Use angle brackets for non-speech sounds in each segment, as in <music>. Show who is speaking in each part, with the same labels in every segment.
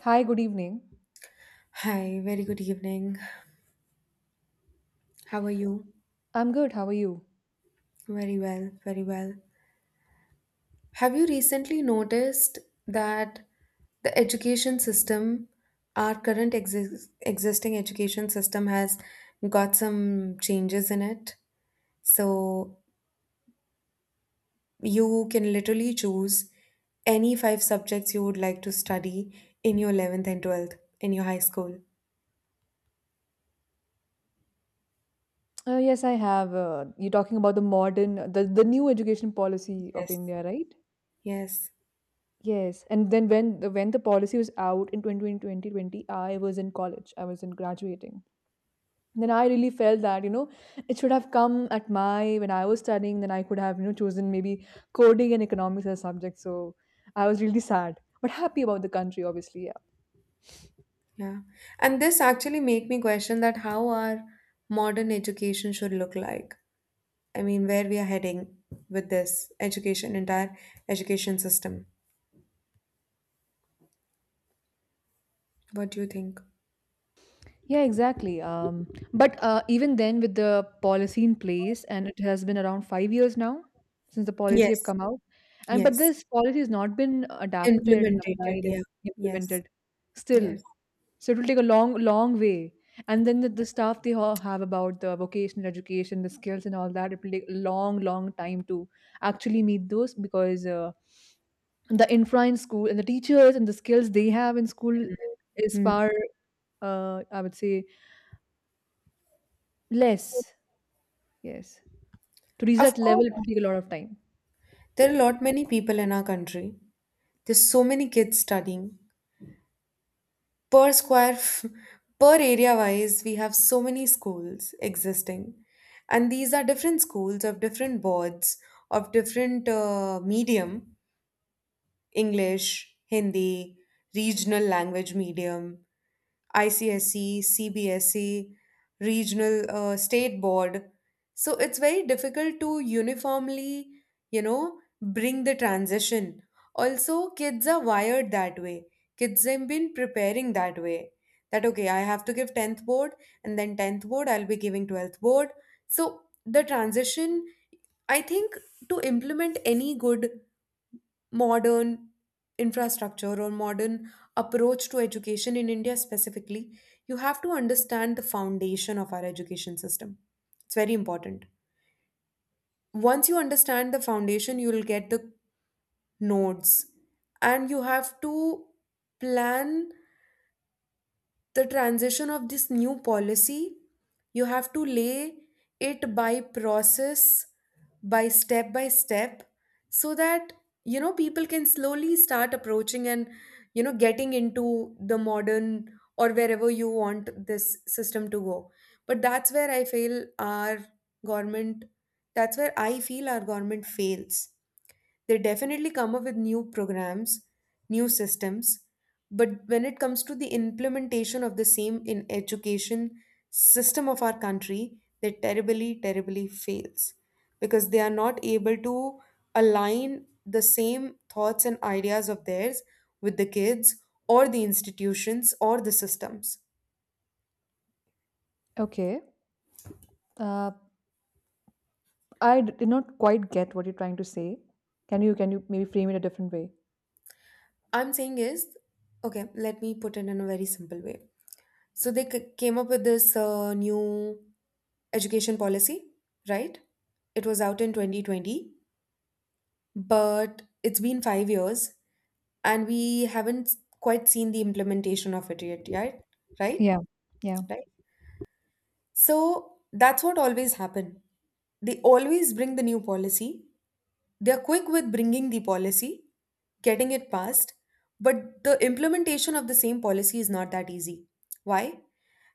Speaker 1: Hi, good evening.
Speaker 2: Hi, very good evening. How are you?
Speaker 1: I'm good. How are you?
Speaker 2: Very well, very well. Have you recently noticed that the education system, our current existing education system, has got some changes in it? So you can literally choose any five subjects you would like to study in your 11th and 12th, in your high school.
Speaker 1: Yes, I have. You're talking about the modern, the new education policy of
Speaker 2: Yes.
Speaker 1: India, right?
Speaker 2: Yes.
Speaker 1: Yes. And then when the policy was out in 2020, I was in college. I was in graduating. Then I really felt that, it should have come at my, when I was studying, then I could have, chosen maybe coding and economics as subjects. So I was really sad, but happy about the country, obviously. Yeah.
Speaker 2: Yeah. And this actually make me question that how our modern education should look like. I mean, where we are heading with this education, entire education system. What do you think?
Speaker 1: Yeah, exactly. But even then, with the policy in place, and it has been around 5 years now since the policy have
Speaker 2: Yes.
Speaker 1: come out, and but
Speaker 2: Yes.
Speaker 1: this policy has not been adapted and
Speaker 2: Implemented.
Speaker 1: applied and
Speaker 2: Yeah. Yes.
Speaker 1: implemented still.
Speaker 2: Yes.
Speaker 1: So it will take a long, long way. And then the stuff they all have about the vocational education, the skills, and all that, it will take a long, long time to actually meet those because the infra in school and the teachers and the skills they have in school is
Speaker 2: Hmm.
Speaker 1: far I would say less. Yes. To reach
Speaker 2: Of
Speaker 1: that level,
Speaker 2: course.
Speaker 1: it will take a lot of time.
Speaker 2: There are a lot many people in our country. There's so many kids studying. per square f- Per area wise, we have so many schools existing, and these are different schools of different boards, of different medium. English, Hindi, regional language medium. ICSE, CBSE, regional state board. So it's very difficult to uniformly, you know, bring the transition. Also, kids are wired that way. Kids have been preparing that way. That okay, I have to give 10th board, and then 10th board, I'll be giving 12th board. So the transition, I think, to implement any good modern infrastructure or modern approach to education in India specifically, you have to understand the foundation of our education system. It's very important. Once you understand the foundation, you will get the nodes, and you have to plan the transition of this new policy. You have to lay it by process, by step by step, so that, you know, people can slowly start approaching and, you know, getting into the modern, or wherever you want this system to go. But that's where I feel our government government fails. They definitely come up with new programs, new systems, but when it comes to the implementation of the same in education system of our country, they terribly, terribly fails because they are not able to align the same thoughts and ideas of theirs with the kids or the institutions or the systems.
Speaker 1: Okay. Uh, I did not quite get what you're trying to say. Can you maybe frame it a different way?
Speaker 2: I'm saying is, okay, let me put it in a very simple way. So they came up with this new education policy, right? It was out in 2020, but it's been 5 years and we haven't quite seen the implementation of it yet, right? Right?
Speaker 1: Yeah. Yeah.
Speaker 2: Right? So that's what always happen. They always bring the new policy. They're quick with bringing the policy, getting it passed, but the implementation of the same policy is not that easy. Why?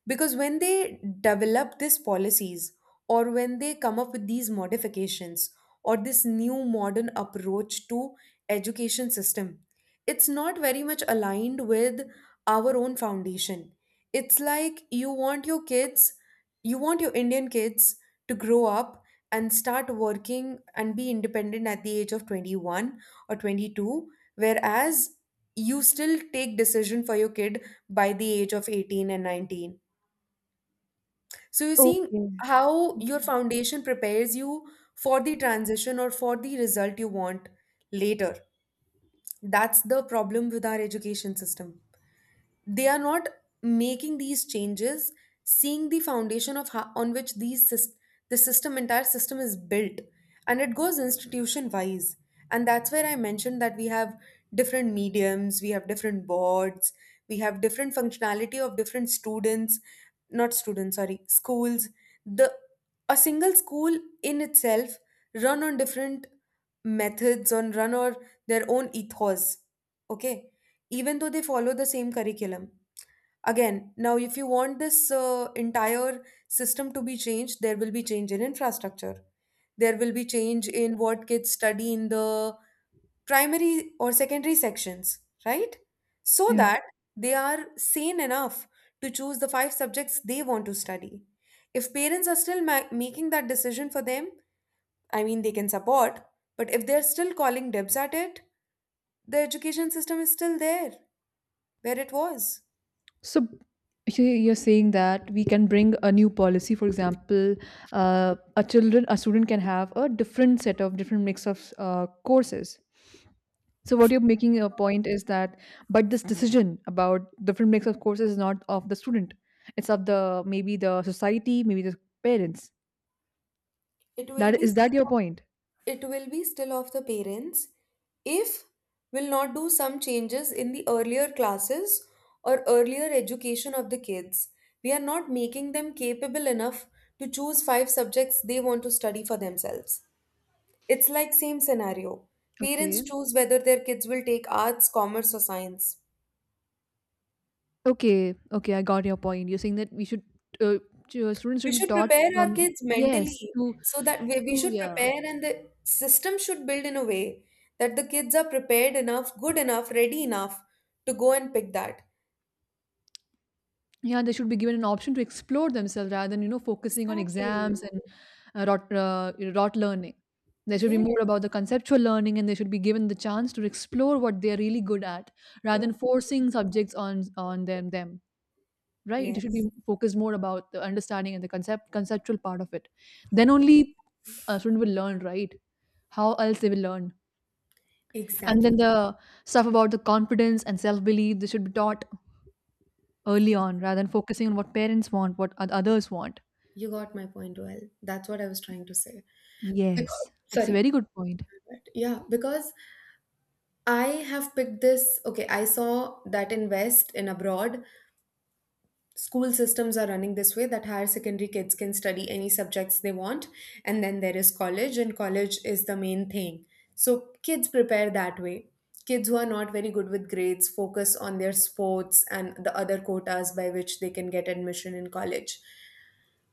Speaker 2: Because when they develop these policies, or when they come up with these modifications or this new modern approach to education system, it's not very much aligned with our own foundation. It's like you want your kids, you want your Indian kids to grow up and start working and be independent at the age of 21 or 22, whereas you still take decision for your kid by the age of 18 and 19. So you're seeing
Speaker 1: Okay.
Speaker 2: how your foundation prepares you for the transition or for the result you want later. That's the problem with our education system. They are not making these changes seeing the foundation of how, on which the system, entire system is built, and it goes institution wise. And that's where I mentioned that we have different mediums, we have different boards, we have different functionality of different students not students sorry schools the a single school in itself run on different methods on run or their own ethos. Okay, even though they follow the same curriculum. Again, now if you want this entire system to be changed, there will be change in infrastructure. There will be change in what kids study in the primary or secondary sections, right? So
Speaker 1: Yeah.
Speaker 2: that they are sane enough to choose the five subjects they want to study. If parents are still making that decision for them, I mean, they can support, but if they're still calling dibs at it, the education system is still there where it was.
Speaker 1: So you're saying that we can bring a new policy, for example, a student can have a different set of different mix of courses. So what you're making a point is that, but this decision about different mix of courses is not of the student. It's of the maybe the society, maybe the parents.
Speaker 2: It will
Speaker 1: That
Speaker 2: be
Speaker 1: is that your
Speaker 2: still,
Speaker 1: point?
Speaker 2: it will be still of the parents if will not do some changes in the earlier classes or earlier education of the kids. We are not making them capable enough to choose five subjects they want to study for themselves. It's like same scenario. Parents
Speaker 1: Okay,
Speaker 2: choose whether their kids will take arts, commerce or science.
Speaker 1: okay, okay. I got your point. You're saying that we should uh, students
Speaker 2: We
Speaker 1: should be
Speaker 2: should
Speaker 1: taught
Speaker 2: prepare our
Speaker 1: from,
Speaker 2: kids
Speaker 1: yes,
Speaker 2: mentally
Speaker 1: to
Speaker 2: so that we
Speaker 1: to
Speaker 2: should
Speaker 1: yeah,
Speaker 2: prepare and the system should build in a way that the kids are prepared enough, good enough, ready enough to go and pick that.
Speaker 1: yeah, they should be given an option to explore themselves rather than focusing on
Speaker 2: Exactly.
Speaker 1: exams and rot learning. There should be more
Speaker 2: Yes.
Speaker 1: about the conceptual learning, and they should be given the chance to explore what they are really good at rather
Speaker 2: Mm.
Speaker 1: than forcing subjects on them, right? It should be
Speaker 2: Yes.
Speaker 1: focused more about the understanding and the conceptual part of it, then only a student will learn, right? How else they will learn? And then
Speaker 2: Exactly.
Speaker 1: the stuff about the confidence and self-belief they should be taught early on, rather than focusing on what parents want, what others want.
Speaker 2: You got my point well. That's what I was trying to say. Because,
Speaker 1: Yes, that's a
Speaker 2: sorry.
Speaker 1: very good point.
Speaker 2: But yeah, because I have picked this. Okay, I saw that invest in West, in abroad. School systems are running this way that higher secondary kids can study any subjects they want, and then there is college, and college is the main thing. So kids prepare that way. Kids who are not very good with grades focus on their sports and the other quotas by which they can get admission in college,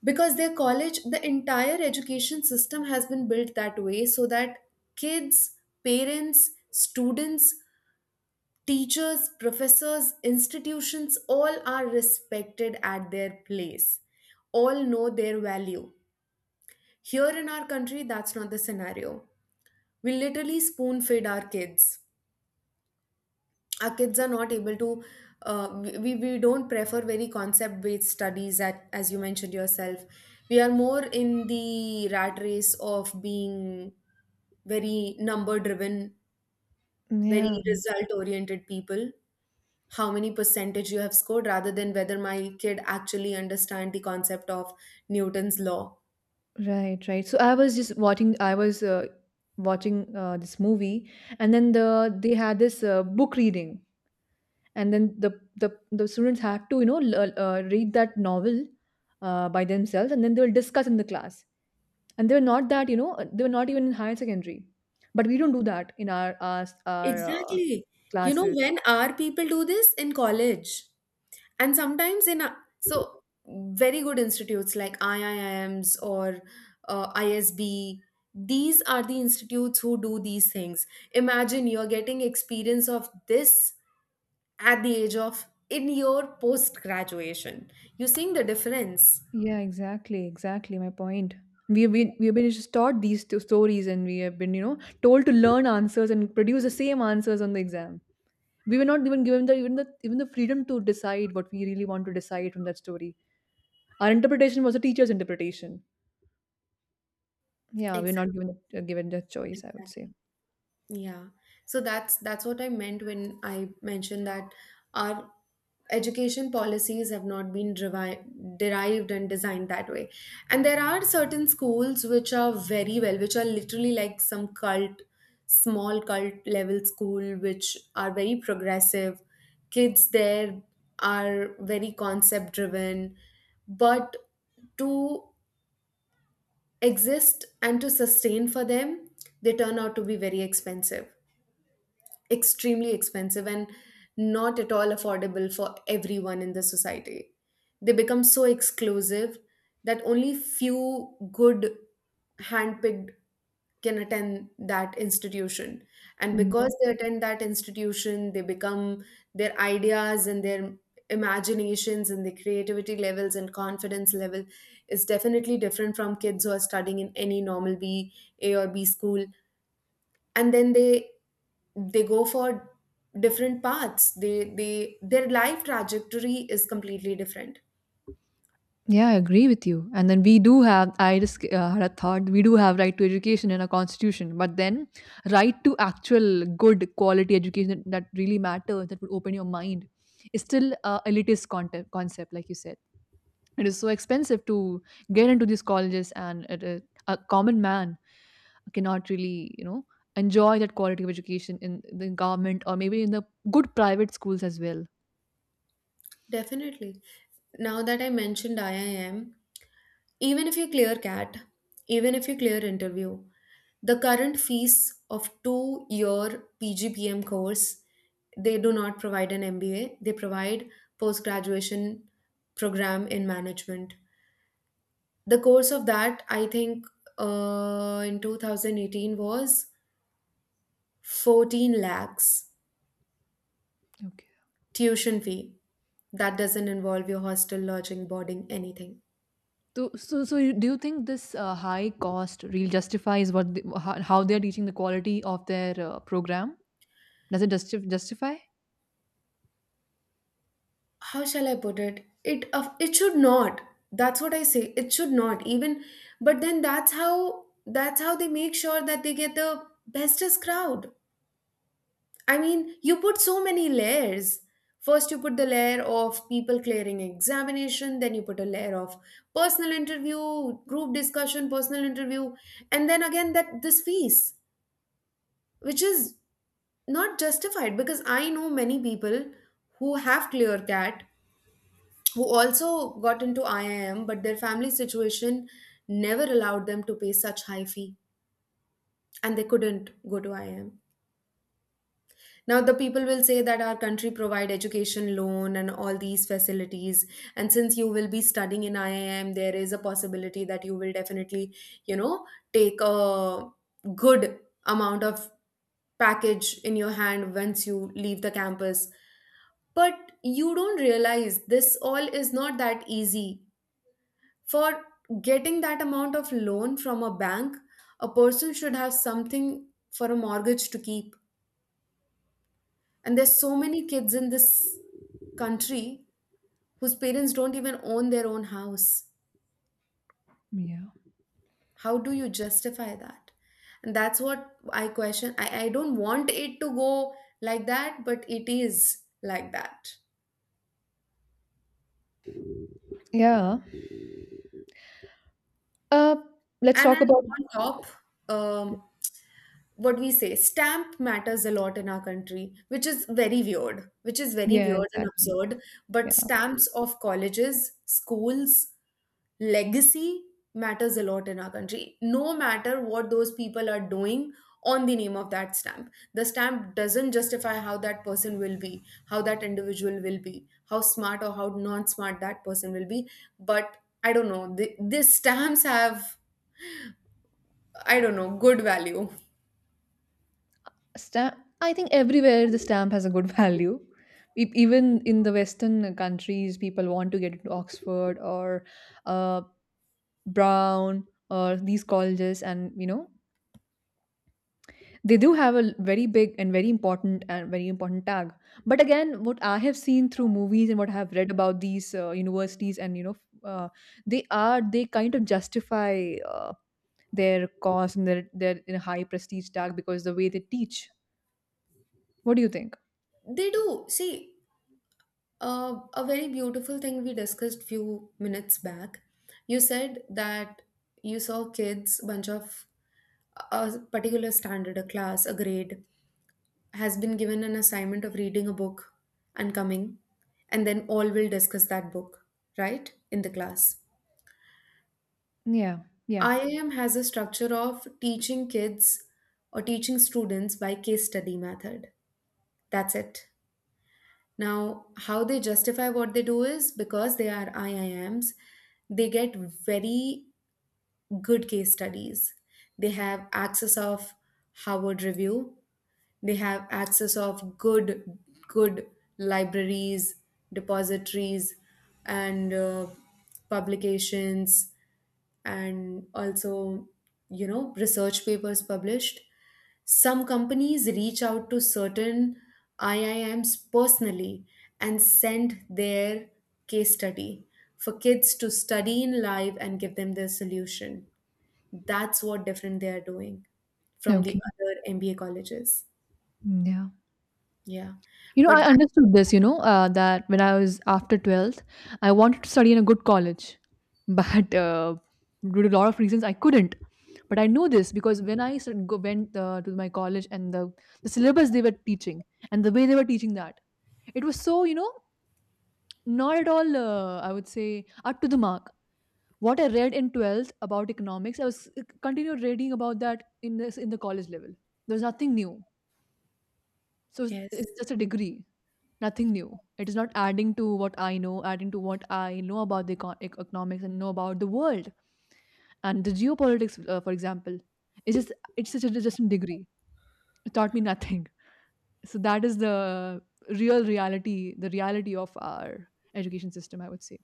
Speaker 2: because their college, the entire education system has been built that way, so that kids, parents, students, teachers, professors, institutions, all are respected at their place. All know their value. Here in our country, that's not the scenario. We literally spoon feed our kids. Our kids are not able to, we don't prefer very concept based studies, at, as you mentioned yourself. We are more in the rat race of being very number driven, very
Speaker 1: Yeah,
Speaker 2: result oriented people. How many percentage you have scored rather than whether my kid actually understand the concept of Newton's law.
Speaker 1: right, right. So I was just watching. I was watching this movie, and then they had this book reading, and then the students had to read that novel by themselves, and then they will discuss in the class. And they were not even in higher secondary, but we don't do that in our
Speaker 2: Exactly. You know,
Speaker 1: classes.
Speaker 2: when are people do this in college, and sometimes in a, so very good institutes like IIMs or ISB. These are the institutes who do these things. Imagine you're getting experience of this at the age of in your post graduation. You seeing the difference.
Speaker 1: Yeah, exactly, exactly my point. We have been just taught these two stories, and we have been told to learn answers and produce the same answers on the exam. We were not even given the freedom to decide what we really want to decide from that story. Our interpretation was the teacher's interpretation. Yeah, we're
Speaker 2: Exactly,
Speaker 1: not given the choice, I would
Speaker 2: exactly.
Speaker 1: say.
Speaker 2: Yeah. So that's what I meant when I mentioned that our education policies have not been derived and designed that way. And there are certain schools which are very well, which are literally like some cult, small cult level school, which are very progressive. Kids there are very concept driven, but to exist and to sustain for them, they turn out to be very expensive, extremely expensive, and not at all affordable for everyone in the society. They become so exclusive that only few good handpicked can attend that institution. And because they attend that institution, they become, their ideas and their imaginations and their creativity levels and confidence level is definitely different from kids who are studying in any normal B, A or B school. And then they go for different paths. They their life trajectory is completely different.
Speaker 1: Yeah, I agree with you. And then we do have, I just had a thought, we do have right to education in our constitution, but then right to actual good quality education that really matters, that would open your mind, is still elitist concept, like you said. It is so expensive to get into these colleges, and a common man cannot really, enjoy that quality of education in the government or maybe in the good private schools as well.
Speaker 2: Definitely. Now that I mentioned IIM, even if you clear CAT, even if you clear interview, the current fees of 2-year PGPM course, they do not provide an MBA, they provide post graduation program in management. The course of that, I think, in 2018 was 14 lakhs
Speaker 1: Okay.
Speaker 2: tuition fee. That doesn't involve your hostel, lodging, boarding, anything.
Speaker 1: So do you think this high cost really justifies how they are teaching the quality of their program? Does it justify?
Speaker 2: How shall I put it? It of it should not. That's what I say. It should not even. But then that's how they make sure that they get the bestest crowd. I mean, you put so many layers. First, you put the layer of people clearing examination, then you put a layer of personal interview, group discussion, personal interview, and then again that this fees, which is not justified, because I know many people who have clear CAT, who also got into IIM, but their family situation never allowed them to pay such high fee and they couldn't go to IIM. Now the people will say that our country provide education loan and all these facilities, and since you will be studying in IIM, there is a possibility that you will definitely, you know, take a good amount of package in your hand once you leave the campus. But you don't realize this all is not that easy. For getting that amount of loan from a bank, a person should have something for a mortgage to keep. And there's so many kids in this country whose parents don't even own their own house.
Speaker 1: Yeah.
Speaker 2: How do you justify that? And that's what I question. I don't want it to go like that, but it is like that.
Speaker 1: Yeah. Uh, let's
Speaker 2: And
Speaker 1: talk
Speaker 2: then
Speaker 1: about.
Speaker 2: on top, um, what we say, stamp matters a lot in our country, which is very weird,
Speaker 1: Yeah,
Speaker 2: and
Speaker 1: exactly.
Speaker 2: absurd,
Speaker 1: Yeah.
Speaker 2: but stamps of colleges, schools, legacy matters a lot in our country, no matter what those people are doing on the name of that stamp. The stamp doesn't justify how that person will be, how that individual will be, how smart or how non smart that person will be. But I don't know, these stamps have, I don't know, good value.
Speaker 1: Stamp. I think everywhere the stamp has a good <laughs> value. Even in the Western countries, people want to get into Oxford or uh, Brown or these colleges, and they do have a very big and very important tag. But again, what I have seen through movies and what I have read about these universities and uh, they kind of justify their cost and their high prestige tag because the way they teach. What do you think?
Speaker 2: They do see. A very beautiful thing we discussed few minutes back. You said that you saw kids, bunch of a particular standard, a class, a grade, has been given an assignment of reading a book and coming, and then all will discuss that book, right? In the class.
Speaker 1: Yeah, yeah,
Speaker 2: IIM has a structure of teaching kids or teaching students by case study method. That's it. Now, how they justify what they do is because they are IIMs, they get very good case studies. They have access of Harvard Review, they have access of good, good libraries, depositories, and publications, and also, research papers published. Some companies reach out to certain IIMs personally and send their case study for kids to study in live and give them their solution. That's what different they are doing from
Speaker 1: okay,
Speaker 2: the other MBA colleges.
Speaker 1: yeah.
Speaker 2: Yeah.
Speaker 1: You know,
Speaker 2: But
Speaker 1: I
Speaker 2: that.
Speaker 1: understood this, that when I was after 12th, I wanted to study in a good college. <laughs> But due to a lot of reasons, I couldn't. But I knew this because when I sort of went to my college and the syllabus they were teaching and the way they were teaching that, it was so, not at all, I would say, up to the mark. What I read in 12th about economics, I was continued reading about that in the college level. There was nothing new, so it's
Speaker 2: Yes.
Speaker 1: it's just a degree, nothing new. It is not adding to what I know, adding to what I know about the economics and know about the world and the geopolitics, for example. It's just it's such a just a degree. It taught me nothing, so that is the reality of our education system, I would say.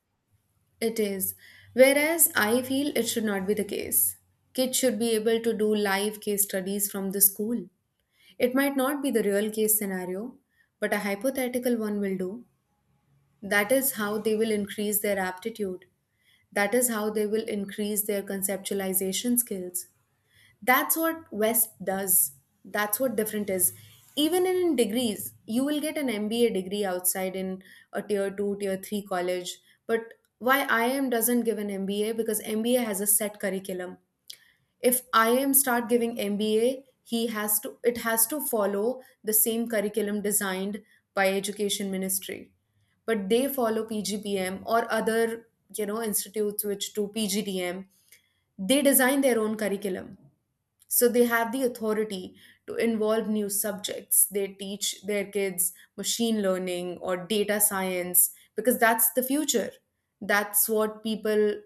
Speaker 2: It is. Whereas I feel it should not be the case. Kids should be able to do live case studies from the school. It might not be the real case scenario, but a hypothetical one will do. That is how they will increase their aptitude. That is how they will increase their conceptualization skills. That's what West does. That's what different is. Even in degrees, you will get an MBA degree outside in a tier two, tier three college. But why IM doesn't give an MBA? Because MBA has a set curriculum. If IM start giving MBA, he has to it has to follow the same curriculum designed by Education Ministry. But they follow PGPM or other, you know, institutes which do PGDM. They design their own curriculum, so they have the authority to involve new subjects. They teach their kids machine learning or data science because that's the future. That's what people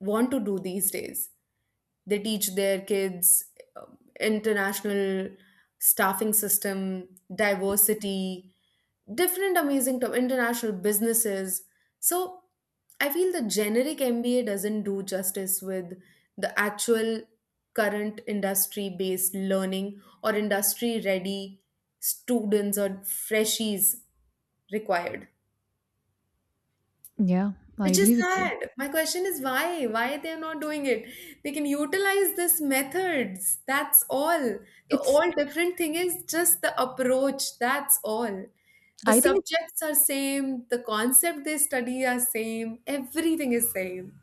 Speaker 2: want to do these days. They teach their kids international staffing system, diversity, different amazing to international businesses. So I feel the generic MBA doesn't do justice with the actual current industry based learning or industry ready students or freshies required.
Speaker 1: Yeah, I
Speaker 2: Which is
Speaker 1: agree with you.
Speaker 2: sad. My question is why? Why they're not doing it? They can utilize this methods. That's all. The
Speaker 1: It's
Speaker 2: all different thing is just the approach. That's all. The
Speaker 1: I think
Speaker 2: subjects are same. The concept they study are same. Everything is same.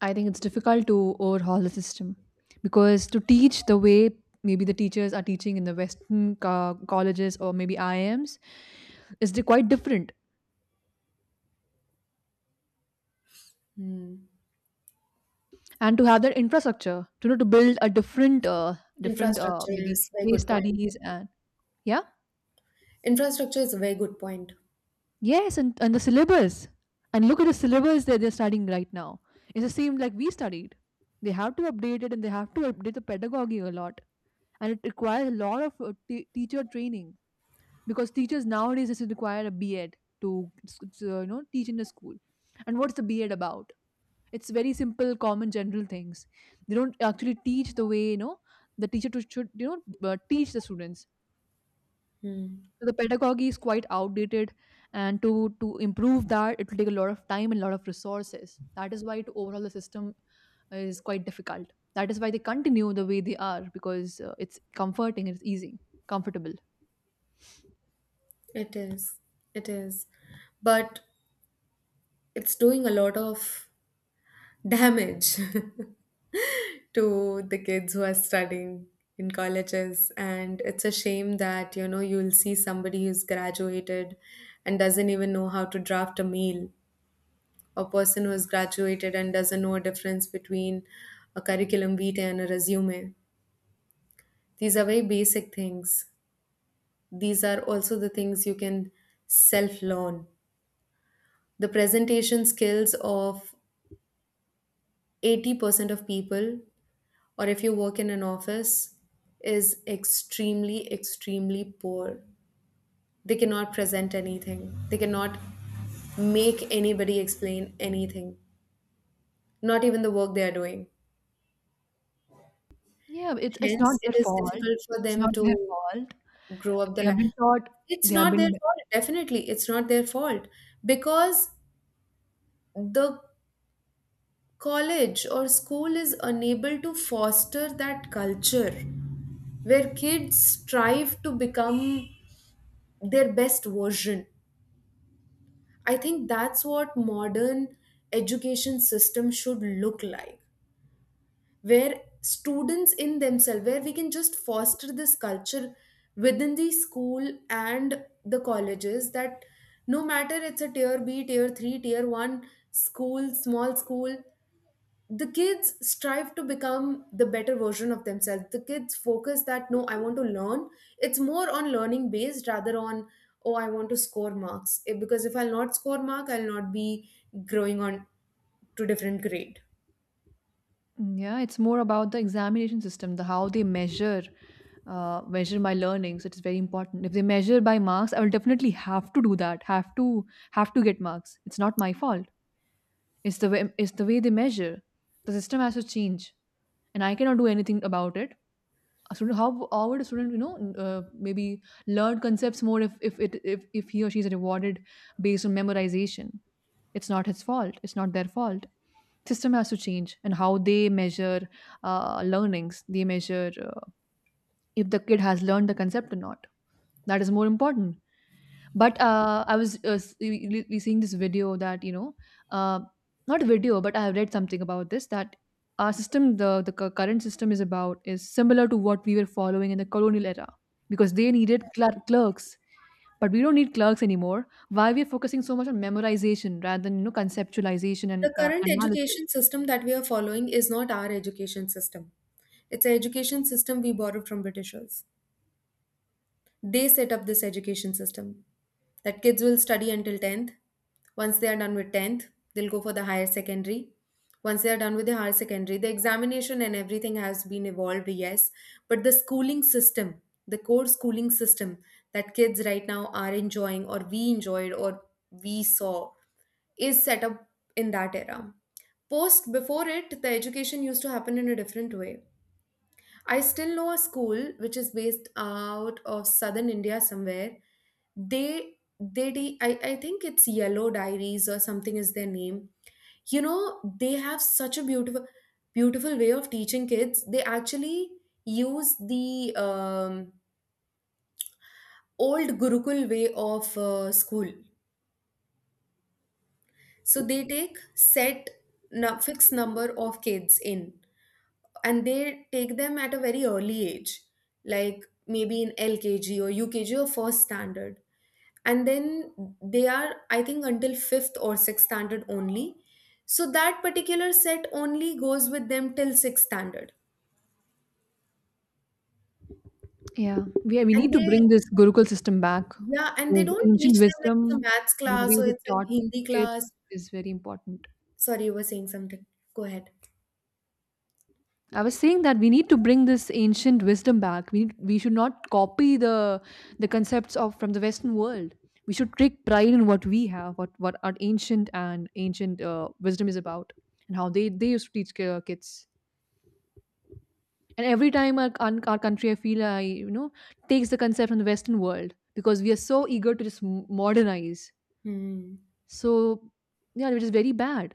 Speaker 1: I think it's difficult to overhaul the system because to teach the way maybe the teachers are teaching in the Western colleges or maybe IIMs is quite different,
Speaker 2: Hmm.
Speaker 1: and to have that infrastructure to you know to build a different
Speaker 2: Infrastructure
Speaker 1: maybe
Speaker 2: is very
Speaker 1: case
Speaker 2: good point.
Speaker 1: studies, and yeah,
Speaker 2: Infrastructure is a very good point.
Speaker 1: yes, and the syllabus, and look at the syllabus that they're studying right now. It's the same like we studied. They have to update it, and they have to update the pedagogy a lot, and it requires a lot of teacher training because teachers nowadays does require a BEd to teach in the school. And what's the BEd about? It's very simple, common, general things. They don't actually teach the way the teacher should teach the students.
Speaker 2: Hmm.
Speaker 1: So the pedagogy is quite outdated, and to improve that, it will take a lot of time and a lot of resources. That is why to overhaul the system is quite difficult. That is why they continue the way they are because it's comforting, it's easy, comfortable.
Speaker 2: It is. It is. But it's doing a lot of damage <laughs> to the kids who are studying in colleges, and it's a shame that, you know, you'll see somebody who's graduated and doesn't even know how to draft a mail, a person who's graduated and doesn't know a difference between a curriculum vitae and a resume. These are very basic things. These are also the things you can self learn. The presentation skills of 80% of people or if you work in an office is extremely, extremely poor. They cannot present anything, they cannot make anybody explain anything, not even the work they are doing,
Speaker 1: Yeah, it's not
Speaker 2: hence
Speaker 1: their
Speaker 2: it is
Speaker 1: fault.
Speaker 2: difficult for
Speaker 1: It's
Speaker 2: them
Speaker 1: not their
Speaker 2: to
Speaker 1: fault.
Speaker 2: grow up
Speaker 1: They have been taught.
Speaker 2: it's
Speaker 1: They have
Speaker 2: not their
Speaker 1: been.
Speaker 2: fault, definitely it's not their fault, because the college or school is unable to foster that culture where kids strive to become their best version. I think that's what modern education system should look like, where students in themselves, where we can just foster this culture within the school and the colleges, that no matter it's a tier B, tier 3, tier 1 school, small school, the kids strive to become the better version of themselves. The kids focus that no, I want to learn. It's more on learning based rather on, oh, I want to score marks. Eh, because if I'll not score mark, I'll not be growing on to different grade.
Speaker 1: Mm, yeah, it's more about the examination system, the how they measure my learning. So it's very important. If they measure by marks, I will definitely have to do that. Have to get marks. It's not my fault. It's the way they measure. The system has to change, and I cannot do anything about it. A student, how would a student, uh, maybe learn concepts more if it if he or she is rewarded based on memorization? It's not his fault, it's not their fault. System has to change, and how they measure learnings, they measure if the kid has learned the concept or not, that is more important. But I was seeing this video that, uh, not a video, but I have read something about this, that our system, the current system is similar to what we were following in the colonial era because they needed clerks, but we don't need clerks anymore. Why we're focusing so much on memorization rather than conceptualization and
Speaker 2: The current
Speaker 1: analysis.
Speaker 2: education system that we are following is not our education system. It's an education system we borrowed from britishers. They set up this education system that kids will study until 10th. Once they are done with 10th, they'll go for the higher secondary. Once they are done with the higher secondary, the examination and everything has been evolved, yes, but the schooling system, the core schooling system that kids right now are enjoying or we enjoyed or we saw is set up in that era. Post before it, the education used to happen in a different way. I still know a school which is based out of southern India somewhere. I think it's Yellow Diaries or something is their name. You know, they have such a beautiful, beautiful way of teaching kids. They actually use the old Gurukul way of school. So they take fixed number of kids in, and they take them at a very early age, like maybe in lkg or ukg or first standard, and then they are, I think, until fifth or sixth standard only, so that particular set only goes with them till sixth standard.
Speaker 1: Yeah, we
Speaker 2: And
Speaker 1: need to
Speaker 2: they,
Speaker 1: bring this gurukul system back
Speaker 2: yeah, and they
Speaker 1: because
Speaker 2: don't teach
Speaker 1: ancient
Speaker 2: them like
Speaker 1: wisdom
Speaker 2: it's a maths
Speaker 1: and the
Speaker 2: class
Speaker 1: way
Speaker 2: or
Speaker 1: they
Speaker 2: it's a
Speaker 1: taught
Speaker 2: hindi class.
Speaker 1: kids is very important.
Speaker 2: Sorry, you were saying something. Go ahead.
Speaker 1: I was saying that we need to bring this ancient wisdom back. We should not copy the concepts of from the Western world. We should take pride in what we have, what our ancient wisdom is about, and how they used to teach kids. And every time our country, I feel, I you know takes the concept from the Western world because we are so eager to just modernize.
Speaker 2: Hmm.
Speaker 1: So yeah, it is very bad.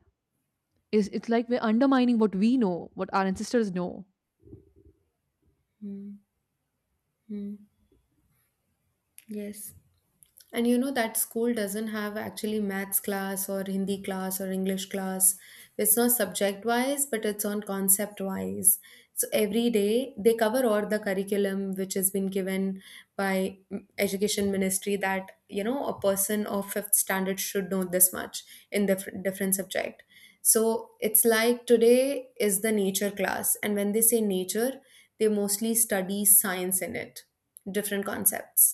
Speaker 1: It's like we're undermining what we know, what our ancestors know.
Speaker 2: Hmm. Hmm. Yes. And you know that school doesn't have actually maths class or Hindi class or English class. It's not subject wise, but it's on concept wise. So every day they cover all the curriculum which has been given by, mm, education ministry, that you know, a person of fifth standard should know this much in the different different subject. So it's like today is the nature class, and when they say nature, they mostly study science in it, different concepts,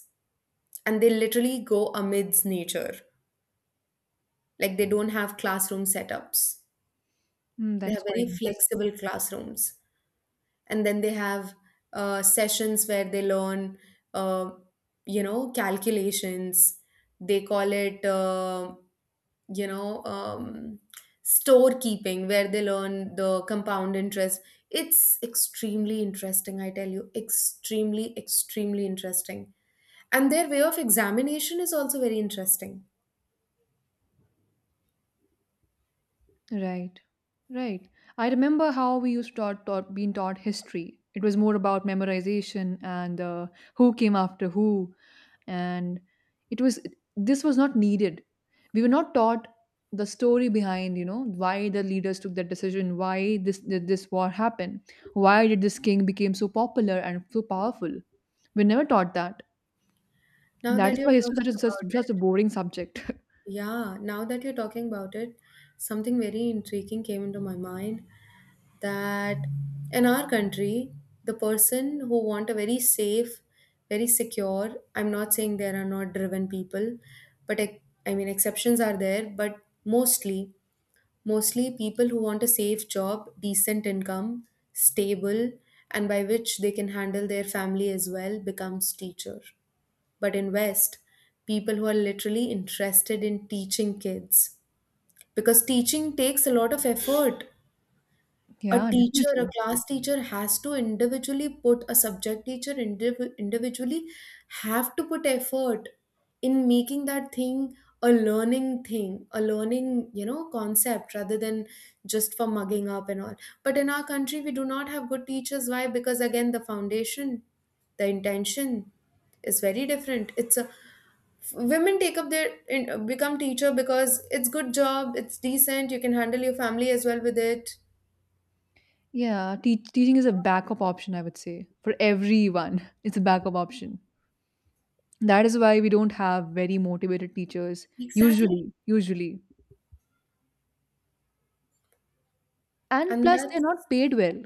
Speaker 2: and they literally go amidst nature. Like they don't have classroom setups.
Speaker 1: Hmm,
Speaker 2: They have
Speaker 1: that's
Speaker 2: very
Speaker 1: quite
Speaker 2: flexible
Speaker 1: interesting.
Speaker 2: classrooms, and then they have sessions where they learn, uh, you know, calculations. They call it, you know, storekeeping, where they learn the compound interest. It's extremely interesting, I tell you, extremely, extremely interesting. And their way of examination is also very interesting.
Speaker 1: Right, right. I remember how we used to taught, taught being taught history. It was more about memorization and who came after who, and it was this was not needed. We were not taught the story behind, why the leaders took that decision, why this did this war happen, why did this king became so popular and so powerful. We never taught that.
Speaker 2: Now
Speaker 1: That
Speaker 2: that
Speaker 1: is
Speaker 2: you're
Speaker 1: why history
Speaker 2: talking
Speaker 1: is such a,
Speaker 2: about
Speaker 1: such, such
Speaker 2: it,
Speaker 1: a boring subject.
Speaker 2: yeah, now that you're talking about it, something very intriguing came into my mind, that in our country, the person who want a very safe, very secure, I'm not saying there are not driven people, but I mean exceptions are there, but mostly, mostly people who want a safe job, decent income, stable, and by which they can handle their family as well, becomes teacher. But in West, people who are literally interested in teaching kids, because teaching takes a lot of effort.
Speaker 1: <laughs>
Speaker 2: A
Speaker 1: Yeah,
Speaker 2: teacher, a
Speaker 1: definitely.
Speaker 2: class teacher has to individually put, a subject teacher individually have to put effort in making that thing, a learning, you know, concept rather than just for mugging up and all. But in our country, we do not have good teachers. Why? Because again, the foundation, the intention is very different. It's a, women take up their become teacher because it's good job, it's decent, you can handle your family as well with it.
Speaker 1: Yeah, teaching is a backup option, I would say, for everyone. <laughs> It's a backup option. That is why we don't have very motivated teachers,
Speaker 2: Exactly.
Speaker 1: usually, usually. And
Speaker 2: And
Speaker 1: plus,
Speaker 2: that,
Speaker 1: they're not paid well.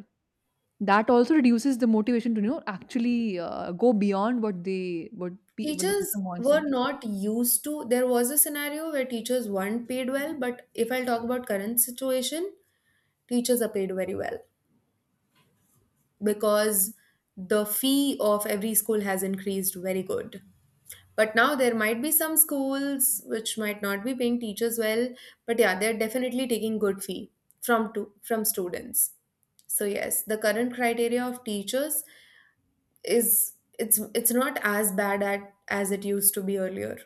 Speaker 1: That also reduces the motivation to, actually go beyond what the
Speaker 2: teachers
Speaker 1: system wants
Speaker 2: were
Speaker 1: them to.
Speaker 2: not used to, there was a scenario where teachers weren't paid well, but if I'll talk about current situation, teachers are paid very well, because the fee of every school has increased very good. But now there might be some schools which might not be paying teachers well, but yeah, they're definitely taking good fee from students. So yes, the current criteria of teachers is, it's not as bad as it used to be earlier.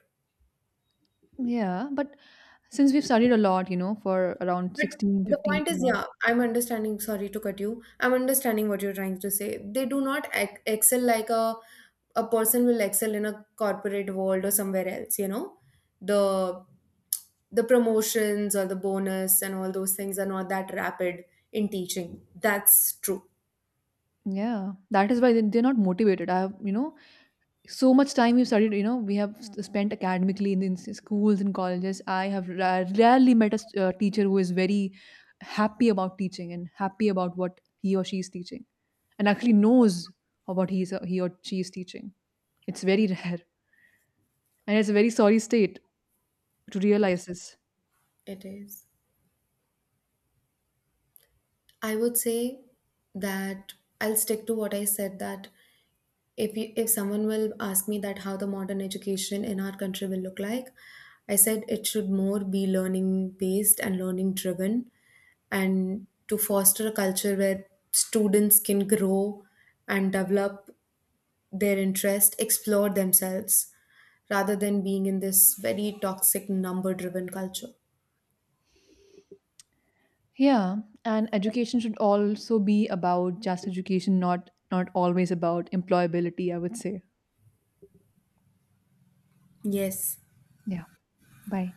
Speaker 1: Yeah, but since we've studied a lot, for around
Speaker 2: But
Speaker 1: 16,
Speaker 2: the
Speaker 1: fifteen 15,
Speaker 2: point is, yeah, I'm understanding, sorry to cut you, I'm understanding what you're trying to say, they do not excel like a person will excel in a corporate world or somewhere else, you know, the the promotions or the bonus and all those things are not that rapid in teaching. That's true.
Speaker 1: yeah, that is why they're not motivated. I have, so much time we've studied, we have spent academically in schools and colleges. I have rarely met a teacher who is very happy about teaching and happy about what he or she is teaching and actually knows of what he or she is teaching. It's very rare <laughs> and it's a very sorry state to realize this.
Speaker 2: It is. I would say that I'll stick to what I said, that if you, if someone will ask me that how the modern education in our country will look like, I said it should more be learning based and learning driven, and to foster a culture where students can grow and develop their interest, explore themselves, rather than being in this very toxic number driven culture.
Speaker 1: Yeah, and education should also be about just education, not always about employability, I would say.
Speaker 2: Yes.
Speaker 1: Yeah. Bye.